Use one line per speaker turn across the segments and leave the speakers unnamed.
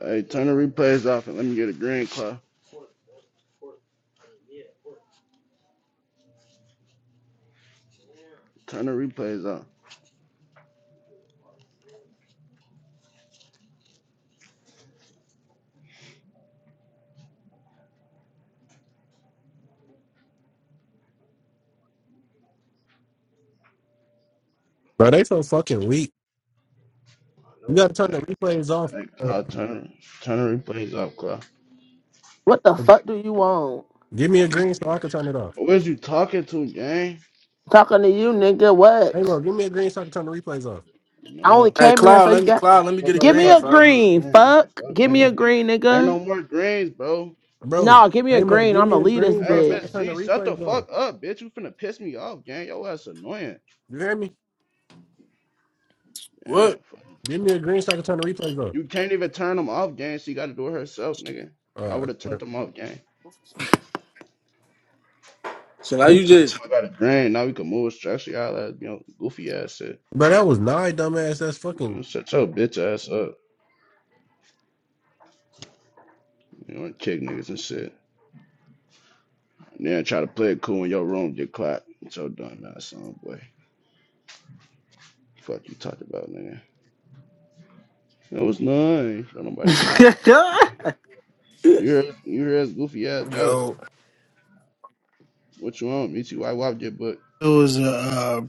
Hey, turn the replays off and let me get a green, Claw. Turn the replays off.
Bro, they so fucking weak. You gotta turn the
Hey,
replays off.
hey
Uh,
Claw, turn, turn the replays off, Claw.
What the fuck do you want?
give me a green so I can turn it off.
Who is you talking to, gang?
Talking to you, nigga.
Amo,
What?
give me a green so I can turn the replays off.
I only
No,
Hey,
came in here
Cloud,
so
let
you
me
got.
Cloud, let me
fuck,
get a
I
Give
look
me
green,
a
like giving
fuck.
you a
green.
green. What the
Fuck.
fuck,
Give me a
nigga?
green,
Ain't
nigga.
no more greens, bro.
Bro,
No, give me a
Amo,
green.
give me
I'ma
a
leave this
green, bro,
Hey,
so I can
Miss
bitch.
turn the
G, shut the
replays off.
fuck up, bitch. You finna piss me off, gang. Yo, that's annoying.
You hear me?
Damn,
What?
fuck.
Give me a green so I can turn the replays off.
You can't even turn them off, gang. She gotta do it herself, nigga. I
Uh,
would've turned them off, gang.
So now
Yo,
you-
you
time.
just
I got a green. Now we can move structure, y'all. That, you know, goofy ass shit.
bro, that was nine, dumbass. That's
Uh,
fucking.
Shut your bitch ass up. You wanna kick niggas and shit. And Then try to play it cool in your room, get clapped. It's your dumb ass son, boy. Fuck you talking about, nigga. That was nice. Don't nobody get on. You heard, you heard his goofy ass Dallas.
Yo,
What you want? Me too. I wop your book.
It was a uh,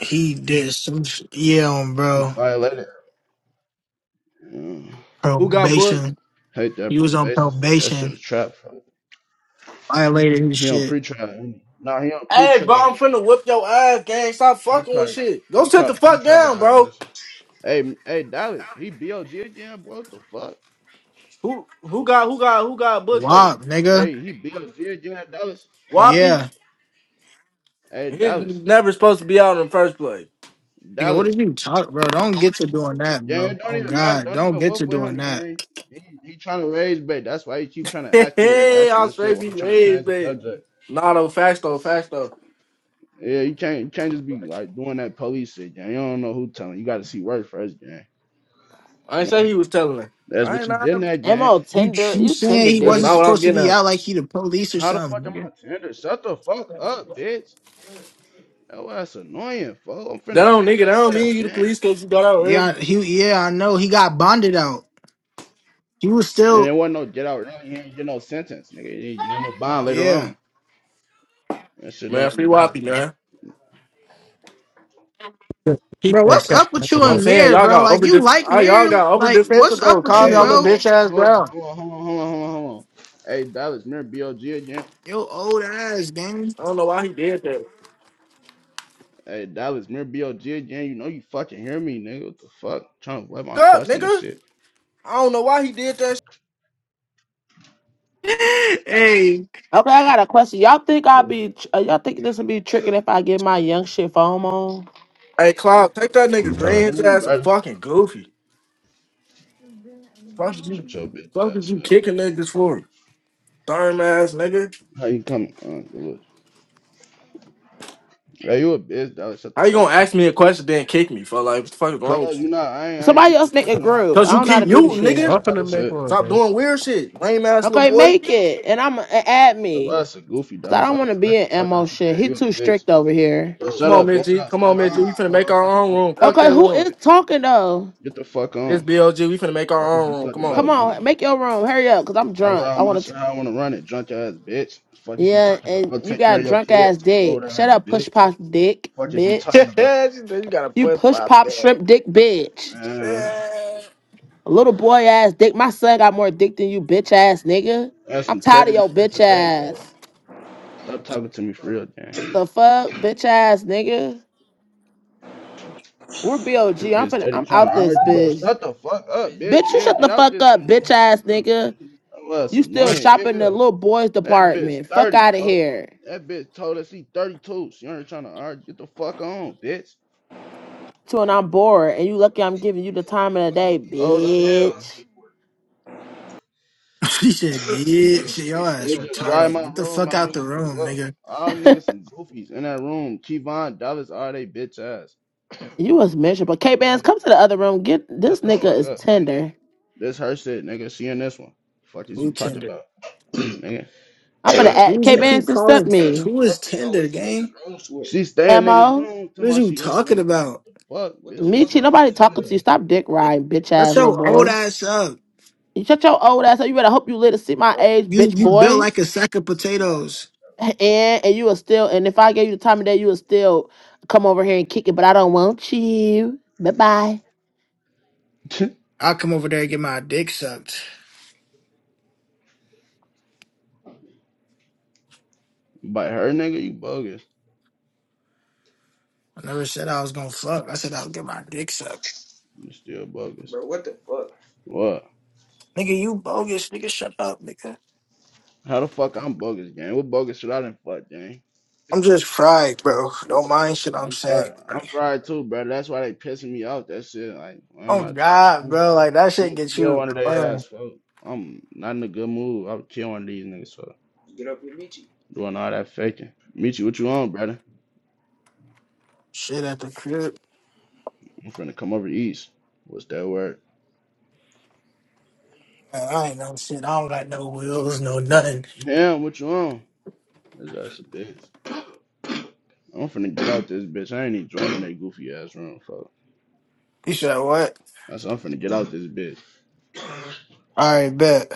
he did some sh- yeah on
He
bro
violated. Yeah.
who got booked?
probation.
Hate that
He was on
probation shit. That shit
probation.
a trap, bro.
Violated his
He on
shit.
pre-trial. Nah, he on
Hey, bro,
pre-trial.
I'm finna whip your ass, gang. Stop
He
fucking with
probably,
shit. Go
he
sit
caught
the
a
fuck
pre-trial
down, bro.
violation. Hey, hey, Dallas, he B O G again, boy. What the fuck?
Who who got who got who got booked though?
Wop, nigga.
Hey, he B O G again, Dallas.
Whoppy?
Yeah,
Hey,
He's
Dallas,
never supposed to be out in the first place.
nigga. What
Dallas,
did you talk, bro? Don't get to doing that,
yeah,
bro.
it don't
Oh
even matter.
God,
Don't
don't
even
get
wolf
to
with
doing
him,
that.
gang. He he trying to raise bait. That's why he keep trying to ask you
Hey,
ask you
I'll
instead.
straight
While
be
I'm trying to
raised,
change the
baby.
subject.
Nah, though, facts though, facts though.
Yeah, you can't you can't just be like doing that police shit, gang. You don't know who telling. You got to see word first, gang.
I ain't
No,
say he was telling it.
that's
I
what
ain't
you
not.
getting at, gang.
Mo
You
Tinder,
you
You Tinder
saying he
That's
wasn't
dick.
not what I'm
supposed to
getting
be
at.
out like he the police or
How the
something?
fuck am
Nigga.
I tender? Shut the fuck up, bitch. That ass annoying, fool. I'm
That
finna
don't
kick
nigga. That don't
your ass,
mean you the
gang.
police because you got out early.
Yeah, he yeah I know he got bonded out. He was
And
still
there wasn't no get out round. You ain't get no sentence, nigga. You you get him a bond later
yeah.
on. That shit
Man,
don't really
free
matter,
Whoppy,
fool.
man.
Keep
Bro,
that
what's
cat.
up
back
with you
in
I'm
there.
and
saying
Mirror,
y'all
bro?
got
Like
over
you
def-
like
ah, y'all
Mirror?
got over
Like what's
defensive though.
up with
Calm
you,
Hey,
y'all little
hold
bro?
bitch
on,
ass
hold on,
down.
hold on, hold on, hold on, hold on, hold on. Hey, Dallas, mirror BLG again.
Yo, old ass, gang.
I don't know why he did that.
Hey, Dallas, mirror BLG again. You know you fucking hear me, nigga. What the fuck? Trying to let my
Fuck Up,
question and
nigga.
shit.
I don't know why he did that. Sh-
hey.
Okay, I got a question. Y'all think I'll
What's
be? tr- Uh, y'all think this will be tricking if I get my young shit phone on?
hey, Cloud, take that nigga
No.
Green's
wrong,
ass a
brother?
fucking goofy. Fuck did you,
Shut your bitch
fuck did
ass
you
up.
kicking niggas for? Darn ass nigga.
How you coming? Uh, Dallas? hey, you a bitch, Dallas. Shut the
How you
fuck
gonna
up.
ask me a question then kick me for like what the fuck is wrong? with
Cause you know
you?
I ain't, I ain't
Somebody
think you
else
was
make a
answering my
group.
Cause
I
you
don't
question.
know
I
how
keep
to do
thought
the
you was
muting,
talking
shit.
about
nigga.
I'm
some other
finna make
shit.
one,
Stop
bro.
doing weird shit, lame ass little
Okay,
boy.
make it, and I'm and add
That
me,
was a goofy,
cause I
Dallas. I
don't want
was
to be
smacking the
in
fuck
Mo
out you,
shit.
gang.
He
You a
too
bitch.
strict over here.
Bro,
Come
shut
on,
up,
Miss
bitch.
G.
I'll
Come on,
smack
Miss G.
you.
We finna
What the fuck
make
you
our
talking
own
about,
room. Fuck
dirty
Okay,
that
ass
who
room.
is
bitch?
talking though?
Get the fuck
It's
on.
BLG. We finna make
Fuck
our
is we
own room.
talked
Come on.
about,
Come
nigga?
on, make your room. Hurry up, cause I'm
I
drunk.
ride
I
my
want
shit
to.
how I wanna run it, drunk ass bitch. Fuck is you
Yeah,
talking about?
and
Go
you
take care
got
of your
drunk ass
kids, old
dick. Shut
ass
up, push
bitch.
pop dick,
Fuck is you
she
bitch.
talking about?
said you got a
You
push
push
pop
pop
that.
shrimp dick, bitch.
Man,
A little boy ass dick. My son got more dick than you, bitch ass nigga.
that's
I'm
some
tired of
crazy
your
shit
bitch
to say, folks.
ass.
Stop talking to me for real, damn.
The fuck, bitch ass nigga. We're B O am
This bitch
finna.
steady
I'm
trying to
out this
argue, bro.
bitch.
Shut the fuck up, bitch.
Bitch, you
Yeah,
shut the
get out
fuck
this
up,
bitch,
bitch
folks.
ass
Damn.
nigga.
That was
You still
annoying,
shopping in
yeah.
the little boys
That bitch
department. Fuck
30,
out of
folks.
here.
That bitch told us he 32. She ain't trying to argue. Get the fuck on, bitch.
to and I'm bored, and you lucky I'm giving you the time of the day,
Old as hell.
bitch.
She said, bitch, your ass
They just drive
retarded.
my
Get the
room,
fuck
my
out
niggas
the
gonna
room,
work.
nigga.
All them niggas some goofies in that room. Kevon Dallas are they bitch ass.
You was miserable. K
Fuck.
Bands, come to the other room. Get this
Shut the
nigga
fuck
is
up, nigga.
tender.
This her shit, nigga. She in this one. Fuck is you
Who
talking
Tinder?
about? nigga.
I'm finna
Who
add
did
K
you keep
Bands to step
calling?
me.
Who is Tinder, gang?
She stay in niggas
Mo,
room till
What is
my
you
she hate
talking
nigga.
about?
Fuck, bitch, you
Michi,
grown
nobody
as
talking to you. Stop dick riding, bitch
That's
ass little
your old
boy.
ass up.
You shut your old ass up. You better hope you live to see my age,
You
bitch
you built
boy.
like a sack of potatoes.
And and you are still. And if I gave you the time of day, you would still come over here and kick it. But I don't want you. Bye bye.
then? hell.
I'll come over there and get my dick sucked.
By her nigga, you bogus.
I never said I was gonna fuck. I said I'll get my dick sucked.
You still bogus. What?
Nigga, you bogus. Nigga, shut up, nigga.
How the fuck I'm bogus, gang? What bogus should I done fuck, gang?
I'm just fried, bro. Don't mind shit I'm
I'm
saying.
fried.
bro.
I'm fried too, bro. That's why they pissing me off. That shit. Like I'm
Oh
not trying.
God,
I'm,
bro, like that
I'm
shit
gonna
gets
kill
you
one of their
man,
ass, folks. I'm not in a good mood. i will kill one of these niggas for doing all that faking. Meet you. What you on, brother?
shit at the crib.
I'm finna come over east. What's that word?
Man, I ain't no shit. I don't got no wheels, no nothing.
Damn, what you on? His ass a bitch. I'm finna get out this bitch. I ain't even joining that goofy ass room, fuck.
You said what?
That's I'm finna get out this bitch.
All right, bet.